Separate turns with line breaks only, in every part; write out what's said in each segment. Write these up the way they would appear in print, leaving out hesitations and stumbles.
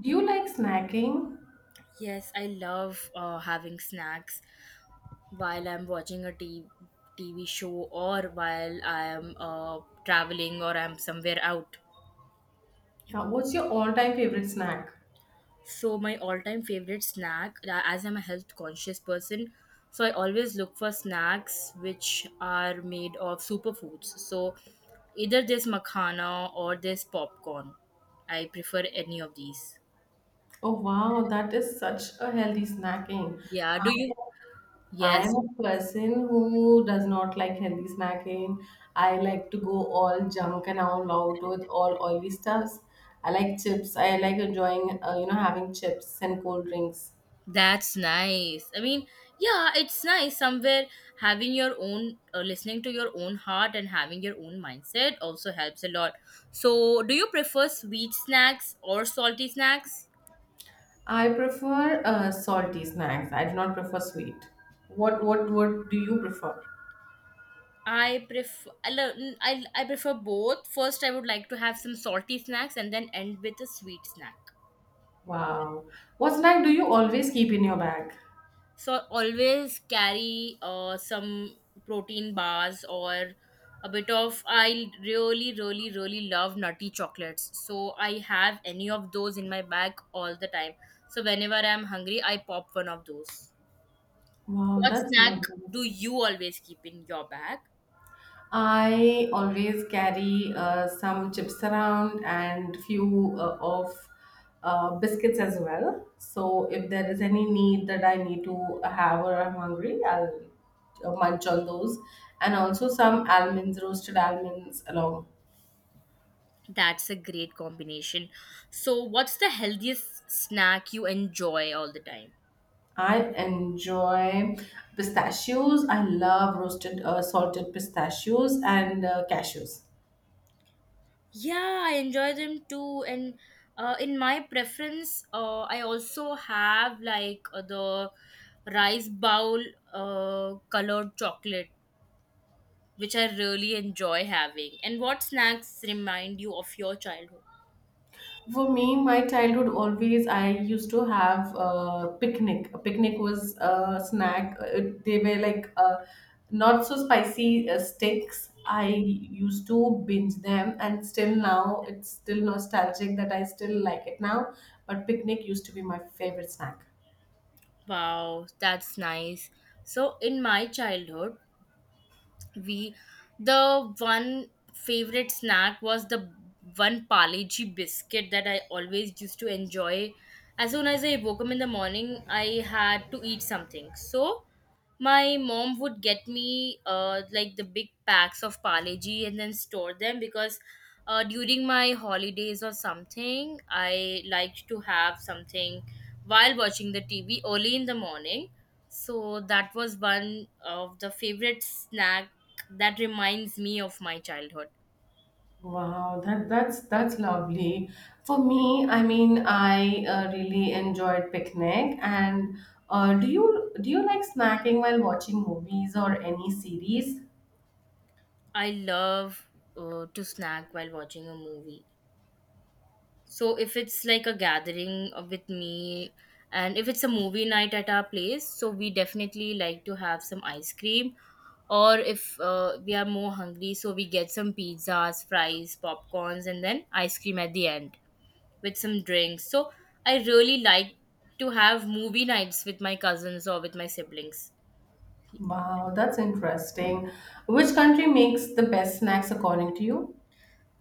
Do you like snacking?
Yes, I love having snacks while I'm watching TV show or while I'm traveling or I'm somewhere out.
Yeah, what's your all-time favorite snack?
So, my all time favorite snack, as I'm a health conscious person, so I always look for snacks which are made of superfoods. So, either this makhana or this popcorn. I prefer any of these.
Oh wow, that is such a healthy snacking.
Yeah,
I
do you?
I
Yes,
am a person who does not like healthy snacking. I like to go all junk and all out with all oily stuffs. I like chips. I like enjoying, having chips and cold drinks.
that's nice. I mean, yeah, it's nice somewhere having your own, listening to your own heart and having your own mindset also helps a lot. So, do you prefer sweet snacks or salty snacks?
I prefer salty snacks. I do not prefer sweet. What do you prefer?
I prefer both. First, I would like to have some salty snacks and then end with a sweet snack.
Wow. What snack do you always keep in your bag?
So always carry some protein bars or a bit of, I really, really, really love nutty chocolates, so I have any of those in my bag all the time. So whenever I'm hungry I pop one of those.
Wow,
What
that's
snack
wonderful.
do you always keep in your bag?
I always carry some chips around and few of biscuits as well. So if there is any need that I need to have or I'm hungry, I'll munch on those. And also some almonds, roasted almonds along.
That's a great combination. So what's the healthiest snack you enjoy all the time?
I enjoy pistachios. I love roasted salted pistachios and cashews.
Yeah, I enjoy them too. And in my preference, I also have like the rice bowl, colored chocolate, which I really enjoy having. And what snacks remind you of your childhood?
For me, my childhood always I used to have a picnic. A picnic was a snack. They were like not so spicy sticks. I used to binge them, and still now it's still nostalgic that I still like it now. But picnic used to be my favorite snack.
Wow, that's nice. So, in my childhood, we the one favorite snack was the one paleji biscuit that I always used to enjoy. As soon as I woke up in the morning I had to eat something, so my mom would get me like the big packs of paleji and then store them, because during my holidays or something I liked to have something while watching the TV early in the morning. So that was one of the favorite snack that reminds me of my childhood.
Wow, that's lovely. For me, I mean, I really enjoyed picnic. And do you like snacking while watching movies or any series?
I love to snack while watching a movie. So if it's like a gathering with me, and if it's a movie night at our place, so we definitely like to have some ice cream, or if we are more hungry so we get some pizzas, fries, popcorns and then ice cream at the end, with some drinks. So I really like to have movie nights with my cousins or with my siblings.
Wow, that's interesting. Which country makes the best snacks according to you?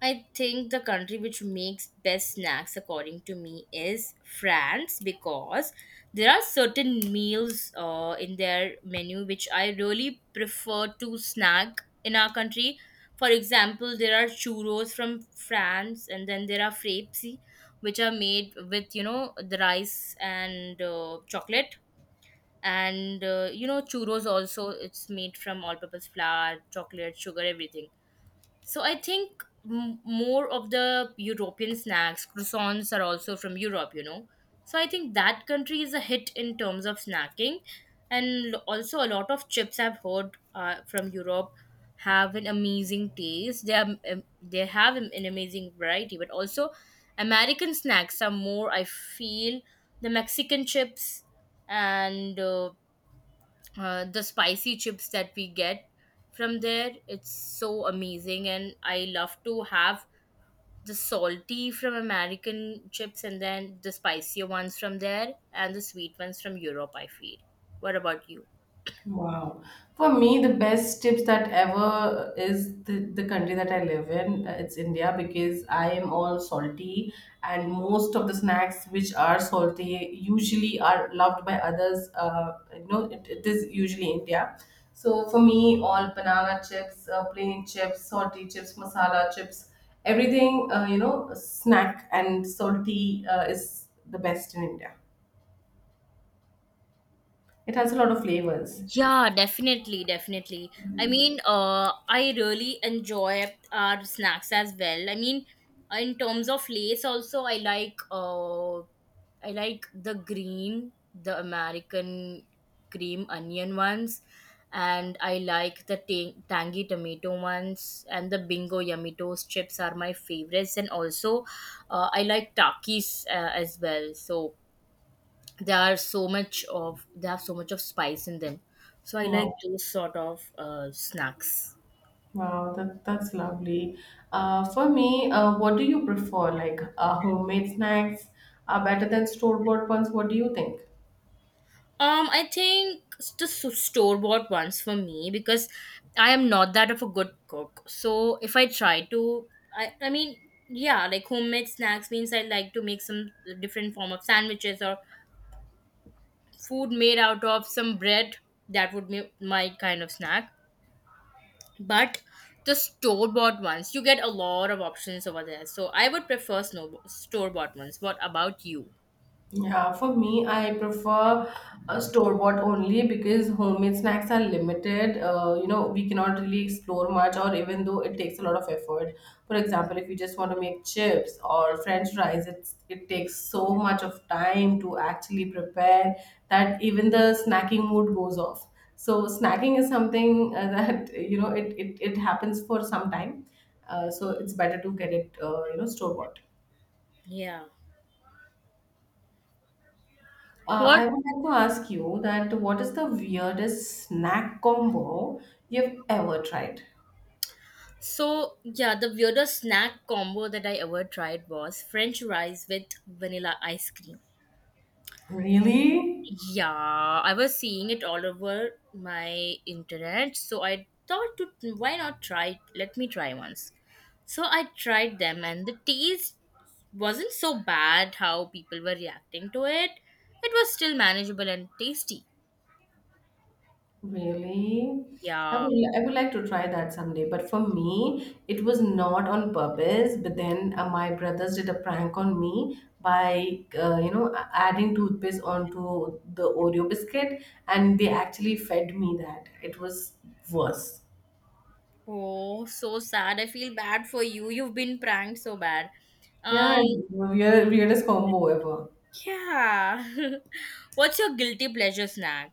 I think the country which makes best snacks, according to me, is France, because there are certain meals in their menu which I really prefer to snack in our country. For example, there are churros from France, and then there are frappes, which are made with, you know, the rice and chocolate. And you know, churros also, it's made from all purpose flour, chocolate, sugar, everything. So I think, more of the European snacks, croissants are also from Europe, you know. So I think that country is a hit in terms of snacking. And also a lot of chips I've heard from Europe have an amazing taste. They are, they have an amazing variety. But also American snacks are more, I feel, the Mexican chips and the spicy chips that we get from there, it's so amazing. And I love to have the salty from American chips, and then the spicier ones from there, and the sweet ones from Europe, I feel. What about you?
Wow. For me, the best tips that ever is the country that I live in. It's India because I am all salty, and most of the snacks which are salty usually are loved by others. You know, it is usually India. So for me, all banana chips, plain chips, salty chips, masala chips, everything, snack and salty is the best in India. It has a lot of flavors.
Yeah, definitely, definitely. I mean, I really enjoy our snacks as well. I mean, in terms of lace, also I like the green, the American cream onion ones, and I like the tangy tomato ones, and the Bingo Yummy Toast chips are my favorites, and also I like Takis as well. So they have so much of spice in them, so I like
Wow.
those sort of snacks.
Wow, that's lovely. For me, what do you prefer? Like homemade snacks are better than store-bought ones. What do you think?
I think, the store bought ones for me, because I am not that of a good cook. So if I try to, I mean, yeah, like homemade snacks means I like to make some different form of sandwiches or food made out of some bread, that would be my kind of snack. But the store bought ones, you get a lot of options over there, so I would prefer snow store bought ones. What about you?
Yeah, for me, I prefer a store bought only because homemade snacks are limited. You know, we cannot really explore much, or even though it takes a lot of effort. For example, if you just want to make chips or French fries, it takes so much of time to actually prepare that even the snacking mood goes off. So snacking is something that you know it happens for some time. So it's better to get it store bought.
Yeah, what?
I would like to ask you that what is the weirdest snack combo you've ever tried?
So yeah, the weirdest snack combo that I ever tried was french fries with vanilla ice cream.
Really?
Yeah, I was seeing it all over my internet, so I thought to, why not try? Let me try once. So I tried them, and the taste wasn't so bad how people were reacting to it. It was still manageable and tasty.
Really?
Yeah.
I would like to try that someday. But for me, it was not on purpose. But then my brothers did a prank on me by, adding toothpaste onto the Oreo biscuit. And they actually fed me that. It was worse.
Oh, so sad. I feel bad for you. You've been pranked so bad.
Yeah,
Um,
it's the weirdest combo ever.
yeah. What's your guilty pleasure snack?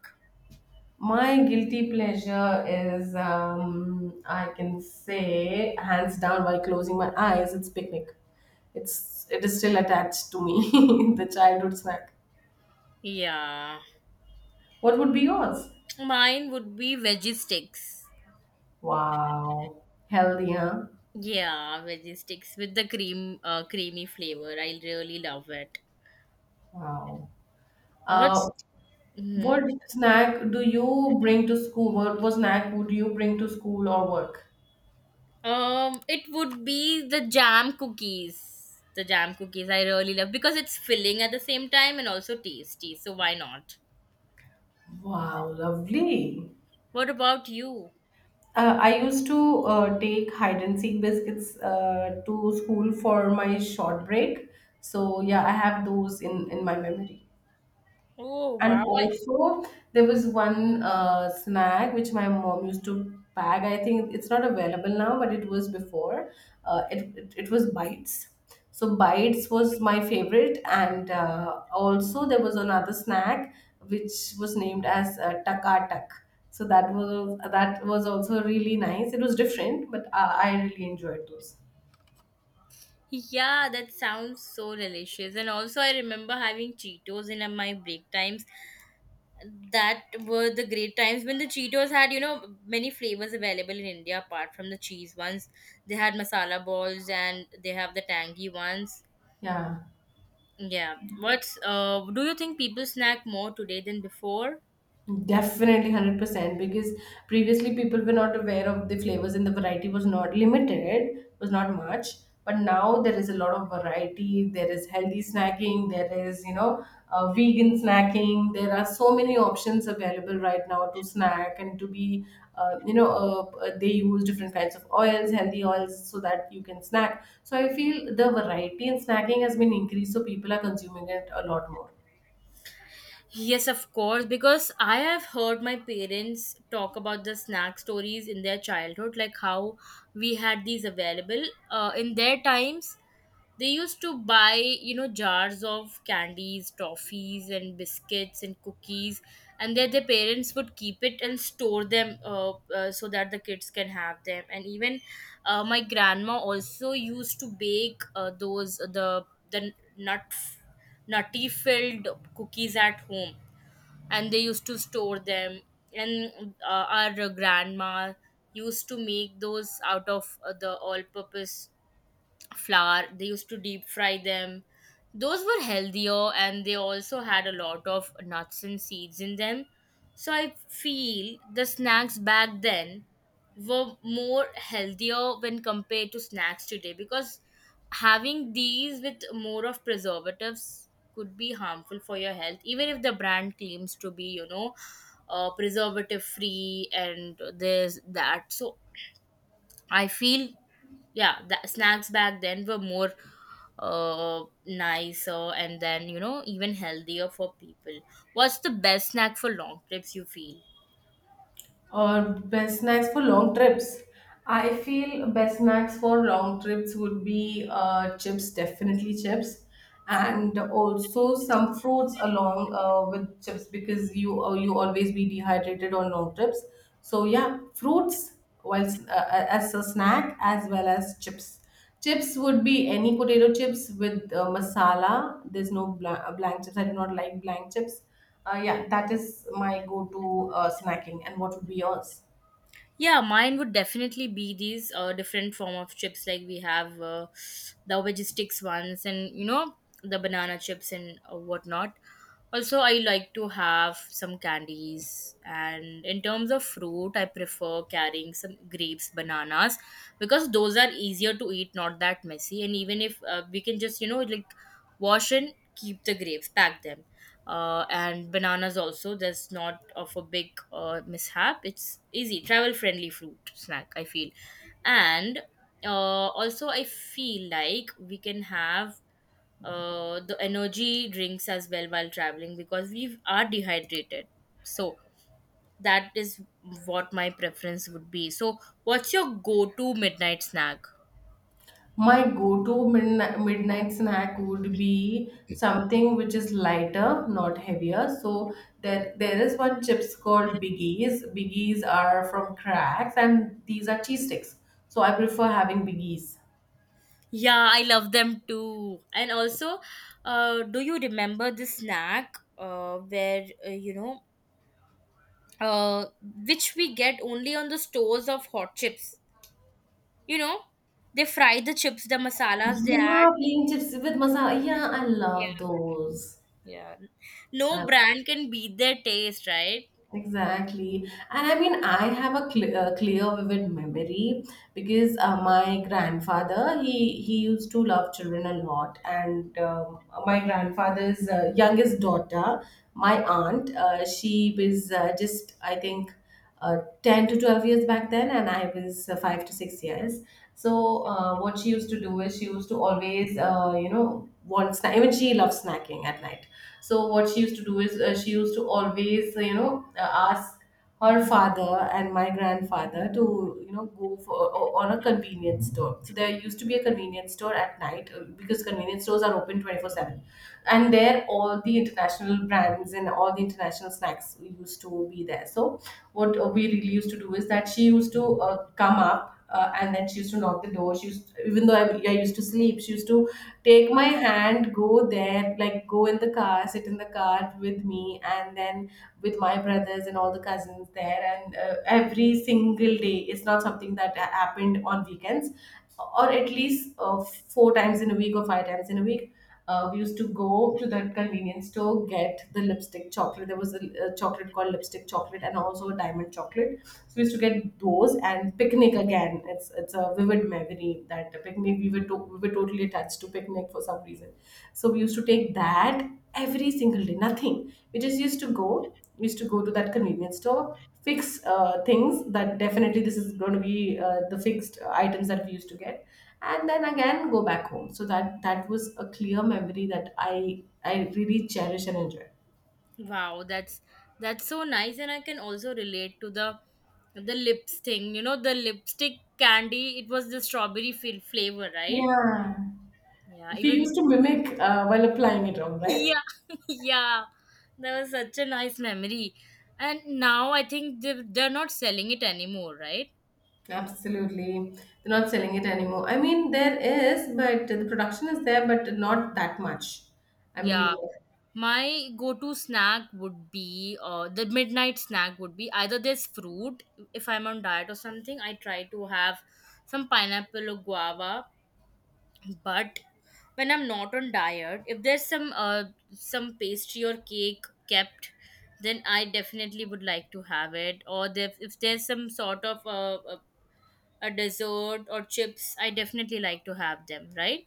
My guilty pleasure is, I can say, hands down, while closing my eyes, it's picnic. It is still attached to me, the childhood snack.
Yeah.
What would be yours?
Mine would be veggie sticks.
Wow, healthy, huh?
Yeah, veggie sticks with the cream, creamy flavor. I really love it.
Wow. Uh,
What's hmm
what snack do you bring to school? What snack would you bring to school or work?
It would be the jam cookies. The jam cookies I really love because it's filling at the same time and also tasty. So why not?
Wow, lovely.
What about you?
I used to take hide and seek biscuits to school for my short break. So yeah, I have those in my memory.
Oh wow!
And
I-
also, there was one snack which my mom used to pack. I think it's not available now, but it was before. It was bites. So bites was my favorite, and also there was another snack which was named as taka tak. So that was also really nice. It was different, but I really enjoyed those.
yeah, that sounds so delicious. And also, I remember having Cheetos in my break times, that were the great times when the Cheetos had, you know, many flavors available in India apart from the cheese ones. They had masala balls and they have the tangy ones.
Yeah.
Yeah. What's do you think people snack more today than before?
Definitely 100% because previously people were not aware of the flavors and the variety was not limited, was not much. But now there is a lot of variety. There is healthy snacking, there is, you know, vegan snacking. There are so many options available right now to snack and to be, they use different kinds of oils, healthy oils, so that you can snack. So I feel the variety in snacking has been increased, so people are consuming it a lot more.
Yes, of course, because I have heard my parents talk about the snack stories in their childhood, like how we had these available. In their times, they used to buy, you know, jars of candies, toffees, and biscuits and cookies, and then their parents would keep it and store them so that the kids can have them. And even my grandma also used to bake those, the nutty filled cookies at home, and they used to store them. And our grandma used to make those out of the all purpose flour. They used to deep fry them. Those were healthier, and they also had a lot of nuts and seeds in them. So I feel the snacks back then were more healthier when compared to snacks today, because having these with more of preservatives could be harmful for your health, even if the brand claims to be, you know, preservative free and this that. So I feel, yeah, the snacks back then were more nicer and then, you know, even healthier for people. What's the best snack for long trips you feel?
Or best snacks for long trips. I feel best snacks for long trips would be chips, definitely chips, and also some fruits along with chips because you always be dehydrated on long trips. So yeah, fruits while as a snack as well as chips. Chips would be any potato chips with masala. There's no blank chips. I do not like blank chips. Yeah, that is my go-to snacking. And what would be yours?
Yeah, mine would definitely be these different form of chips, like we have the veggie sticks ones, and you know, the banana chips and whatnot. Also I like to have some candies, and in terms of fruit, I prefer carrying some grapes, bananas, because those are easier to eat, not that messy. And even if we can just, you know, like wash and keep the grapes, pack them, and bananas also, that's not of a big mishap. It's easy travel friendly fruit snack, I feel. And also I feel like we can have the energy drinks as well while traveling, because we are dehydrated. So that is what my preference would be. So what's your go-to midnight snack?
My go-to midnight snack would be something which is lighter, not heavier. So there is one chips called Biggies. Biggies are from cracks, and these are cheese sticks. So I prefer having Biggies.
Yeah, I love them too. And also, do you remember the snack where you know, uh, which we get only on the stores of hot chips? You know, they fry the chips, the masalas they add.
Yeah, plain chips with masala. Yeah, I love those. I
No brand can beat their taste, right?
Exactly. And I mean, I have a clear, vivid memory because my grandfather, he used to love children a lot. And my grandfather's youngest daughter, my aunt, she was just, I think, 10 to 12 years back then, and I was 5 to 6 years. So, what she used to do is she used to always, want snack. Even she loves snacking at night, so what she used to do is she used to always ask her father and my grandfather to, you know, go for on a convenience store. So there used to be a convenience store at night, because convenience stores are open 24/7, and there all the international brands and all the international snacks used to be there. So what we really used to do is that she used to come up and then she used to knock the door. She used, even though I used to sleep, she used to take my hand, go there, like go in the car, sit in the car with me, and then with my brothers and all the cousins there. And every single day, it's not something that happened on weekends, or at least 4 times in a week or 5 times in a week we used to go to that convenience store, get the lipstick chocolate. There was a chocolate called lipstick chocolate, and also a diamond chocolate, so we used to get those and picnic again. It's a vivid memory that the picnic we were totally attached to picnic for some reason, so we used to take that every single day. Nothing, we just used to go to that convenience store, fix things that definitely this is going to be the fixed items that we used to get, and then again go back home. So that was a clear memory that I really cherish and enjoy.
Wow, that's so nice, and I can also relate to the lips thing. You know, the lipstick candy. It was the strawberry flavor, right?
Yeah.
Yeah,
We
even
used to mimic while applying it on, right?
yeah, yeah. That was such a nice memory. And now I think they they're not selling it anymore, right?
Absolutely. They're not selling it anymore. I mean, there is, but the production is there, but not that much. I mean,
Yeah. My go-to snack would be the midnight snack would be either this fruit, if I'm on diet or something. I try to have some pineapple or guava, but when I'm not on diet, if there's some pastry or cake kept, then I definitely would like to have it. Or if there's some sort of a dessert or chips, I definitely like to have them, right?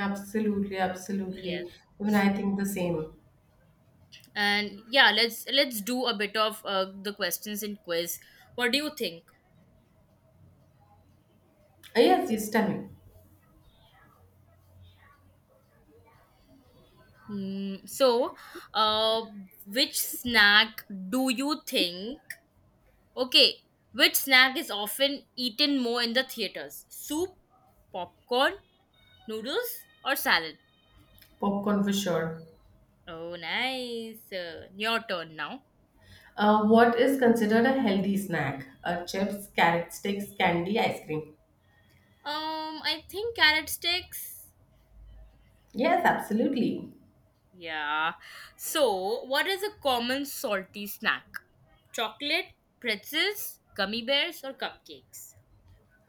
absolutely, absolutely.
Yes,
Even I think the same.
and yeah, let's do a bit of the questions in quiz, what do you think?
Yes, yes, tell me.
Mm, so, uh, which snack do you think, okay, which snack is often eaten more in the theaters? Soup, popcorn, noodles, or salad?
Popcorn for sure.
Oh, nice. Your turn now.
What is considered a healthy snack? Chips, carrot sticks, candy, ice cream.
I think carrot sticks.
Yes, absolutely.
Yeah. So, what is a common salty snack? Chocolate, pretzels, gummy bears, or cupcakes?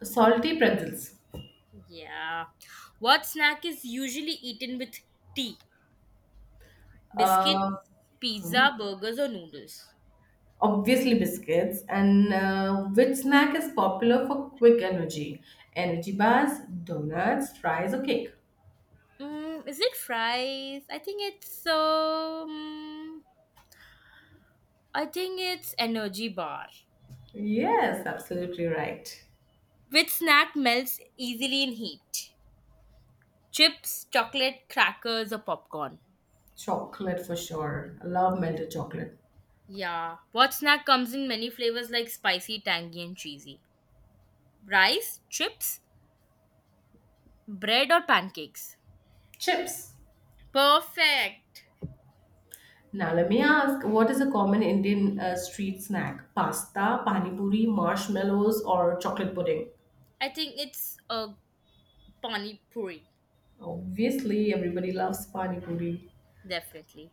Salty pretzels.
Yeah. What snack is usually eaten with tea? Biscuits,
Uh, hmm,
pizza, burgers, or noodles?
obviously biscuits. And which snack is popular for quick energy? Energy bars, donuts, fries, or cake?
Is it fries? I think it's energy bar.
Yes, absolutely right.
Which snack melts easily in heat? Chips, chocolate, crackers, or popcorn?
Chocolate for sure. I love melted chocolate.
Yeah. What snack comes in many flavors like spicy, tangy, and cheesy? Rice, chips, bread, or pancakes?
Chips.
Perfect.
Now, let me ask, what is a common Indian street snack? Pasta, pani puri, marshmallows, or chocolate pudding?
I think it's a pani puri,
Obviously, everybody loves pani puri.
definitely.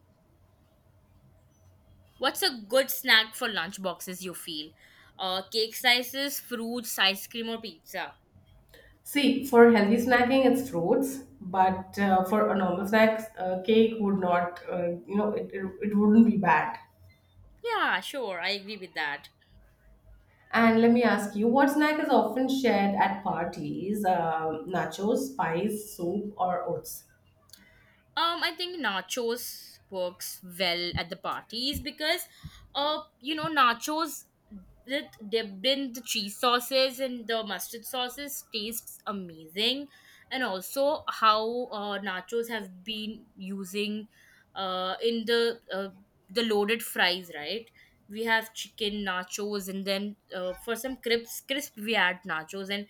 What's a good snack for lunchboxes you feel? Cake slices, fruits, ice cream, or pizza?
See, for healthy snacking, it's fruits, but for a normal snacks, cake would not, it wouldn't be bad.
Yeah, sure, I agree with that.
And let me ask you, what snack is often shared at parties? Um, nachos, pies, soup, or oats?
I think nachos works well at the parties because, nachos that dipped in the cheese sauces and the mustard sauces tastes amazing, and also how nachos have been using in the loaded fries, right? We have chicken nachos, and then for some crisp we add nachos and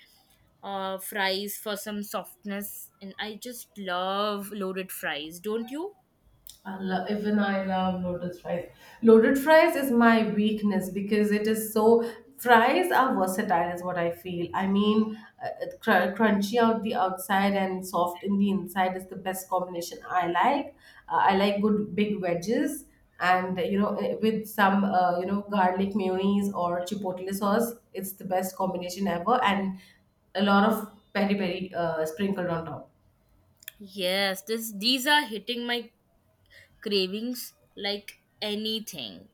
fries for some softness. And I just love loaded fries, don't you?
I love, even I love loaded fries. Loaded fries is my weakness because it is so. Fries are versatile, is what I feel. I mean, uh, cr- crunchy out the outside and soft in the inside is the best combination I like. I like good big wedges, and you know with some garlic mayonnaise or chipotle sauce, it's the best combination ever. And a lot of peri peri sprinkled on top.
Yes, this these are hitting my cravings like anything.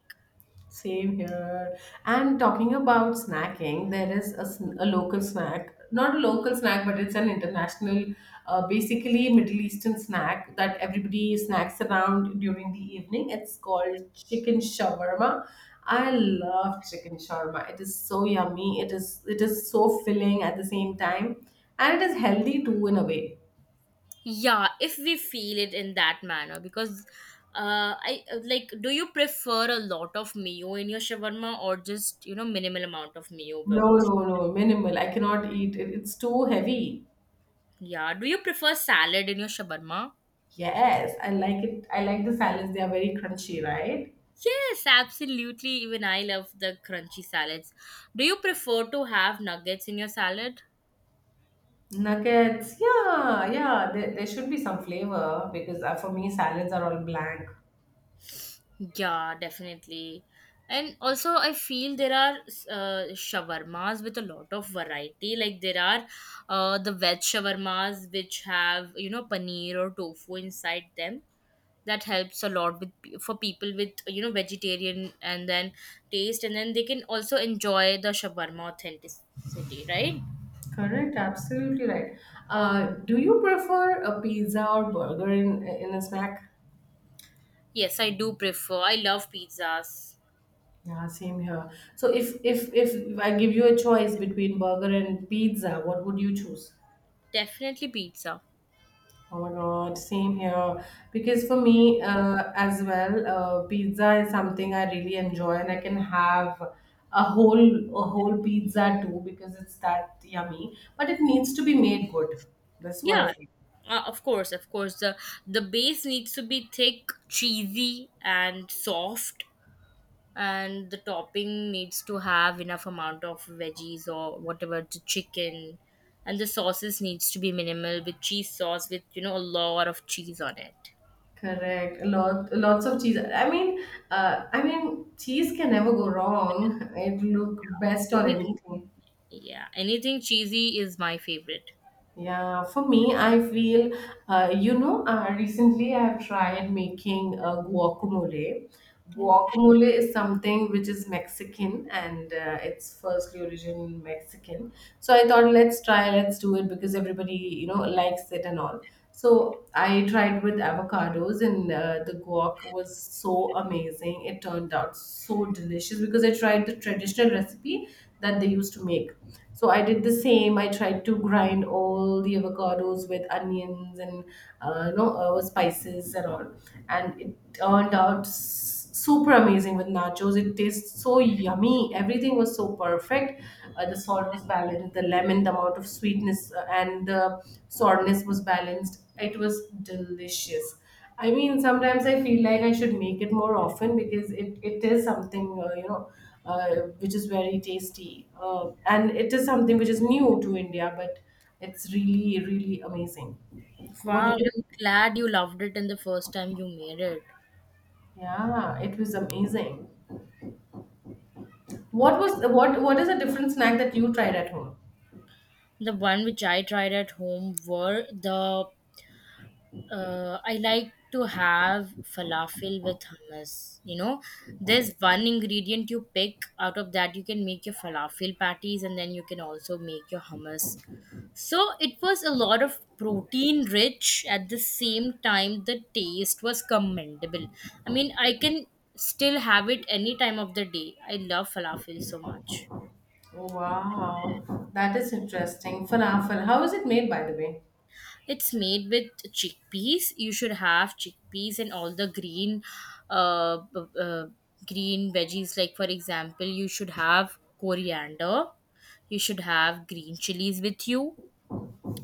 Same here. And talking about snacking, there is a, a local snack, not a local snack, but it's an international, basically Middle Eastern snack that everybody snacks around during the evening. It's called chicken shawarma. I love chicken shawarma. It is so yummy. It is so filling at the same time, and it is healthy too in a way.
Yeah, if we feel it in that manner, because I like. Do you prefer a lot of mayo in your shawarma or just, you know, minimal amount of mayo?
No,
Both?
no, no, minimal. I cannot eat it. It's too heavy.
Yeah. Do you prefer salad in your shawarma?
Yes, I like it. I like the salads. They are very crunchy, right?
Yes, absolutely. Even I love the crunchy salads. Do you prefer to have nuggets in your salad?
Nuggets. Yeah, yeah. There should be some flavor because for me, salads are all blank.
Yeah, definitely. And also, I feel there are shawarmas with a lot of variety. Like there are the veg shawarmas which have, you know, paneer or tofu inside them, that helps a lot with for people with, you know, vegetarian and then taste, and then they can also enjoy the shawarma authenticity, right?
Correct. Absolutely right. Do you prefer a pizza or burger in a snack?
Yes, I do prefer. I love pizzas.
Yeah, same here. So if I give you a choice between burger and pizza, what would you choose?
Definitely pizza.
Oh my God, same here. Because for me, as well, pizza is something I really enjoy, and I can have a whole a whole pizza too because it's that yummy. But it needs to be made good. That's what I
Yeah,
feel.
of course the base needs to be thick, cheesy, and soft, and the topping needs to have enough amount of veggies or whatever to chicken, and the sauces needs to be minimal with cheese sauce with, you know, a lot of cheese on it.
Correct. A lot, lots of cheese. I mean, cheese can never go wrong. It look best on
Any-
anything.
yeah, anything cheesy is my favorite.
Yeah, for me, I feel, recently I've tried making guacamole.
Oh,
Guacamole is something which is Mexican, and it's firstly origin Mexican. So I thought, let's try, let's do it because everybody, you know, likes it and all. So I tried with avocados, and the guac was so amazing. It turned out so delicious because I tried the traditional recipe that they used to make. So I did the same. I tried to grind all the avocados with onions and spices and all, and it turned out super amazing with nachos. It tastes so yummy. Everything was so perfect. The salt was balanced, the lemon, the amount of sweetness, and the sourness was balanced. It was delicious. I mean, sometimes I feel like I should make it more often because it is something, which is very tasty. And it is something which is new to India, but it's really, really amazing. What do
wow,
you?
I'm glad you loved it in the first time you made it.
Yeah, it was amazing. What was what is a different snack that you tried at home?
The one which I tried at home were the, I like to have falafel with hummus. You know, there's one ingredient you pick out of that you can make your falafel patties, and then you can also make your hummus. So it was a lot of protein rich, at the same time the taste was commendable. I mean, I can still have it any time of the day. I love falafel so much.
Wow, that is interesting. Falafel. How is it made, by the way?
It's made with chickpeas. You should have chickpeas and all the green, uh, b- uh, green veggies. Like for example, you should have coriander. You should have green chilies with you,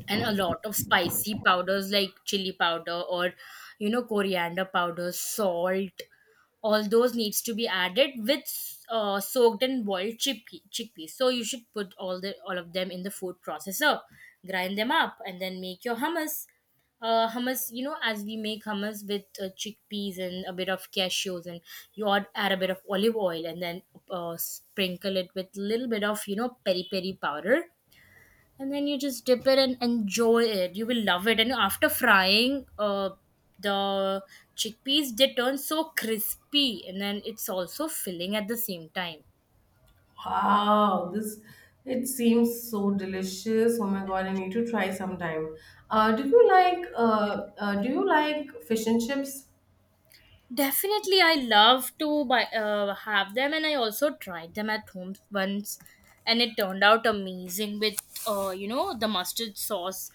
and a lot of spicy powders like chili powder or, you know, coriander powder, salt. All those needs to be added with soaked and boiled chickpeas, so you should put all of them in the food processor, grind them up, and then make your hummus. Hummus, you know, as we make hummus with chickpeas and a bit of cashews, and you add a bit of olive oil, and then sprinkle it with a little bit of, you know, peri peri powder, and then you just dip it and enjoy it. You will love it. And after frying the chickpeas, they turn so crispy, and then it's also filling at the same time.
Wow, this, it seems so delicious. Oh my god, I need to try sometime. Uh, do you like fish and chips?
Definitely, I love to buy have them, and I also tried them at home once, and it turned out amazing with you know, the mustard sauce.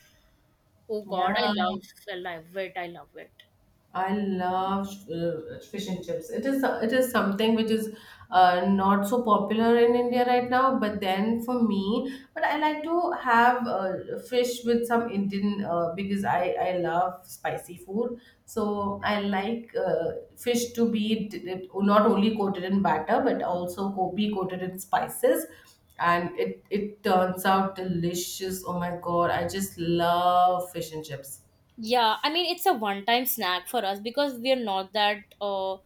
Oh god, I
Yeah.
love, I love it, I love it.
I love fish and chips. It is something which is not so popular in India right now. But then for me, but I like to have fish with some Indian because I love spicy food. So I like fish to be not only coated in batter but also be coated in spices. And it turns out delicious. Oh my god, I just love fish and chips.
Yeah, I mean it's a one-time snack for us because we are not that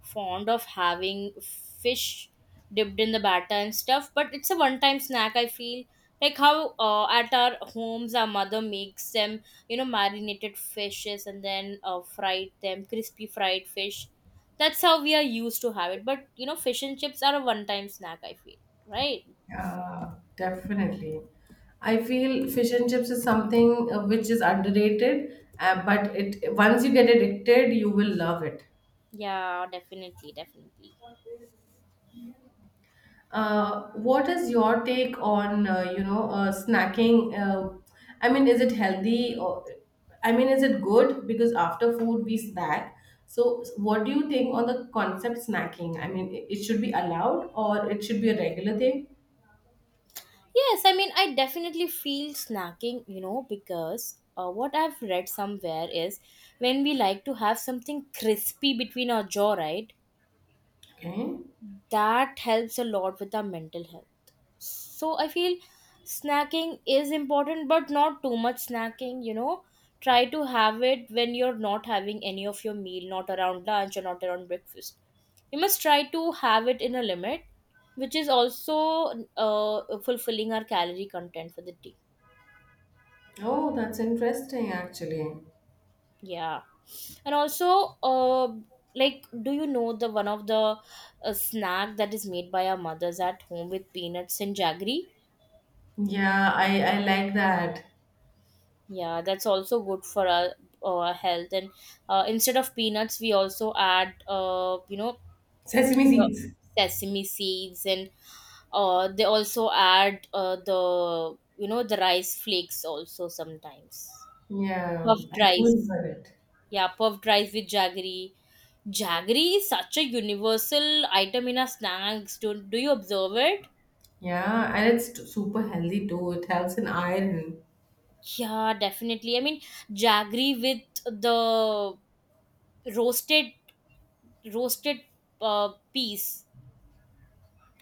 fond of having fish dipped in the batter and stuff. But it's a one-time snack. I feel like how at our homes our mother makes them, you know, marinated fishes and then fried them, crispy fried fish. That's how we are used to have it. But you know, fish and chips are a one-time snack, I feel, right.
Yeah, definitely. I feel fish and chips is something which is underrated, but it once you get addicted, you will love it.
Yeah, definitely, definitely.
What is your take on snacking? I mean, is it healthy or I mean, is it good? Because after food we snack. So, what do you think on the concept snacking? I mean, it should be allowed or it should be a regular thing?
Yes, I mean, I definitely feel snacking, you know, because what I've read somewhere is when we like to have something crispy between our jaw, right?
Okay.
That helps a lot with our mental health. So I feel snacking is important, but not too much snacking, you know. Try to have it when you're not having any of your meal, not around lunch or not around breakfast. You must try to have it in a limit, which is also fulfilling our calorie content for the day.
Oh, that's interesting actually.
Yeah, and also, like, do you know the one of the snack that is made by our mothers at home with peanuts and jaggery?
Yeah, I like that.
Yeah, that's also good for our health. And instead of peanuts, we also add,
Sesame
the
seeds.
sesame seeds, and they also add the, you know, the rice flakes also sometimes.
Yeah, I
Puffed
could
rice.
love it.
Yeah, puffed rice with jaggery. Jaggery is such a universal item in our snacks. Do you observe it?
Yeah, and it's super healthy too. It helps in iron.
Yeah, definitely. I mean, jaggery with the roasted roasted piece.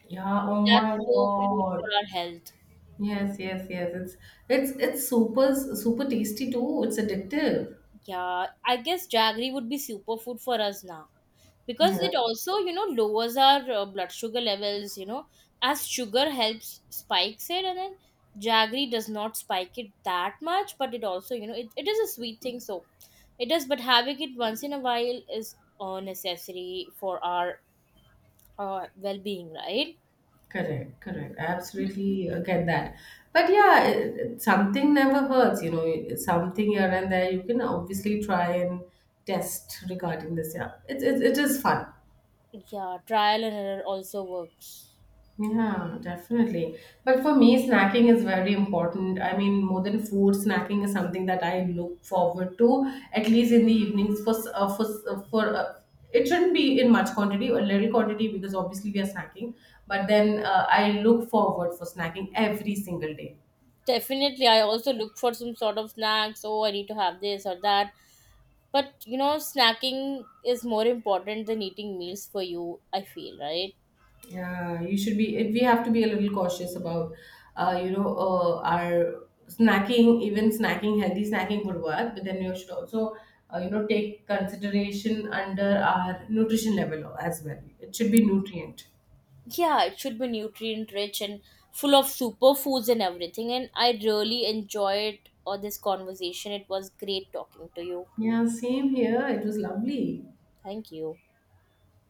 Yeah, oh
That's
my
so good
God.
for our health.
Yes, yes, yes. It's super super tasty too. It's addictive.
Yeah, I guess jaggery would be superfood for us now, because
Yeah,
it also, you know, lowers our blood sugar levels, you know, as sugar helps spikes it, and then jaggery does not spike it that much, but it also, you know, it is a sweet thing. So it is, but having it once in a while is necessary for our well-being, right.
correct, correct. I absolutely get that. But yeah, something never hurts, you know, something here and there you can obviously try and test regarding this. Yeah, it is fun.
Yeah, trial and error also works.
Yeah, definitely. But for me, snacking is very important. I mean, more than food, snacking is something that I look forward to, at least in the evenings. For s- for s- for it shouldn't be in much quantity, a little quantity, because obviously we are snacking. But then I look forward for snacking every single day.
Definitely, I also look for some sort of snacks. Oh, I need to have this or that. But you know, snacking is more important than eating meals for you, I feel, right.
Yeah, you should be. It, we have to be a little cautious about, our snacking, even snacking, healthy snacking would work, but then you should also, take consideration under our nutrition level as well. It should be nutrient.
Yeah, it should be nutrient rich and full of superfoods and everything. And I really enjoyed this conversation. It was great talking to you.
Yeah, same here. It was lovely.
Thank you.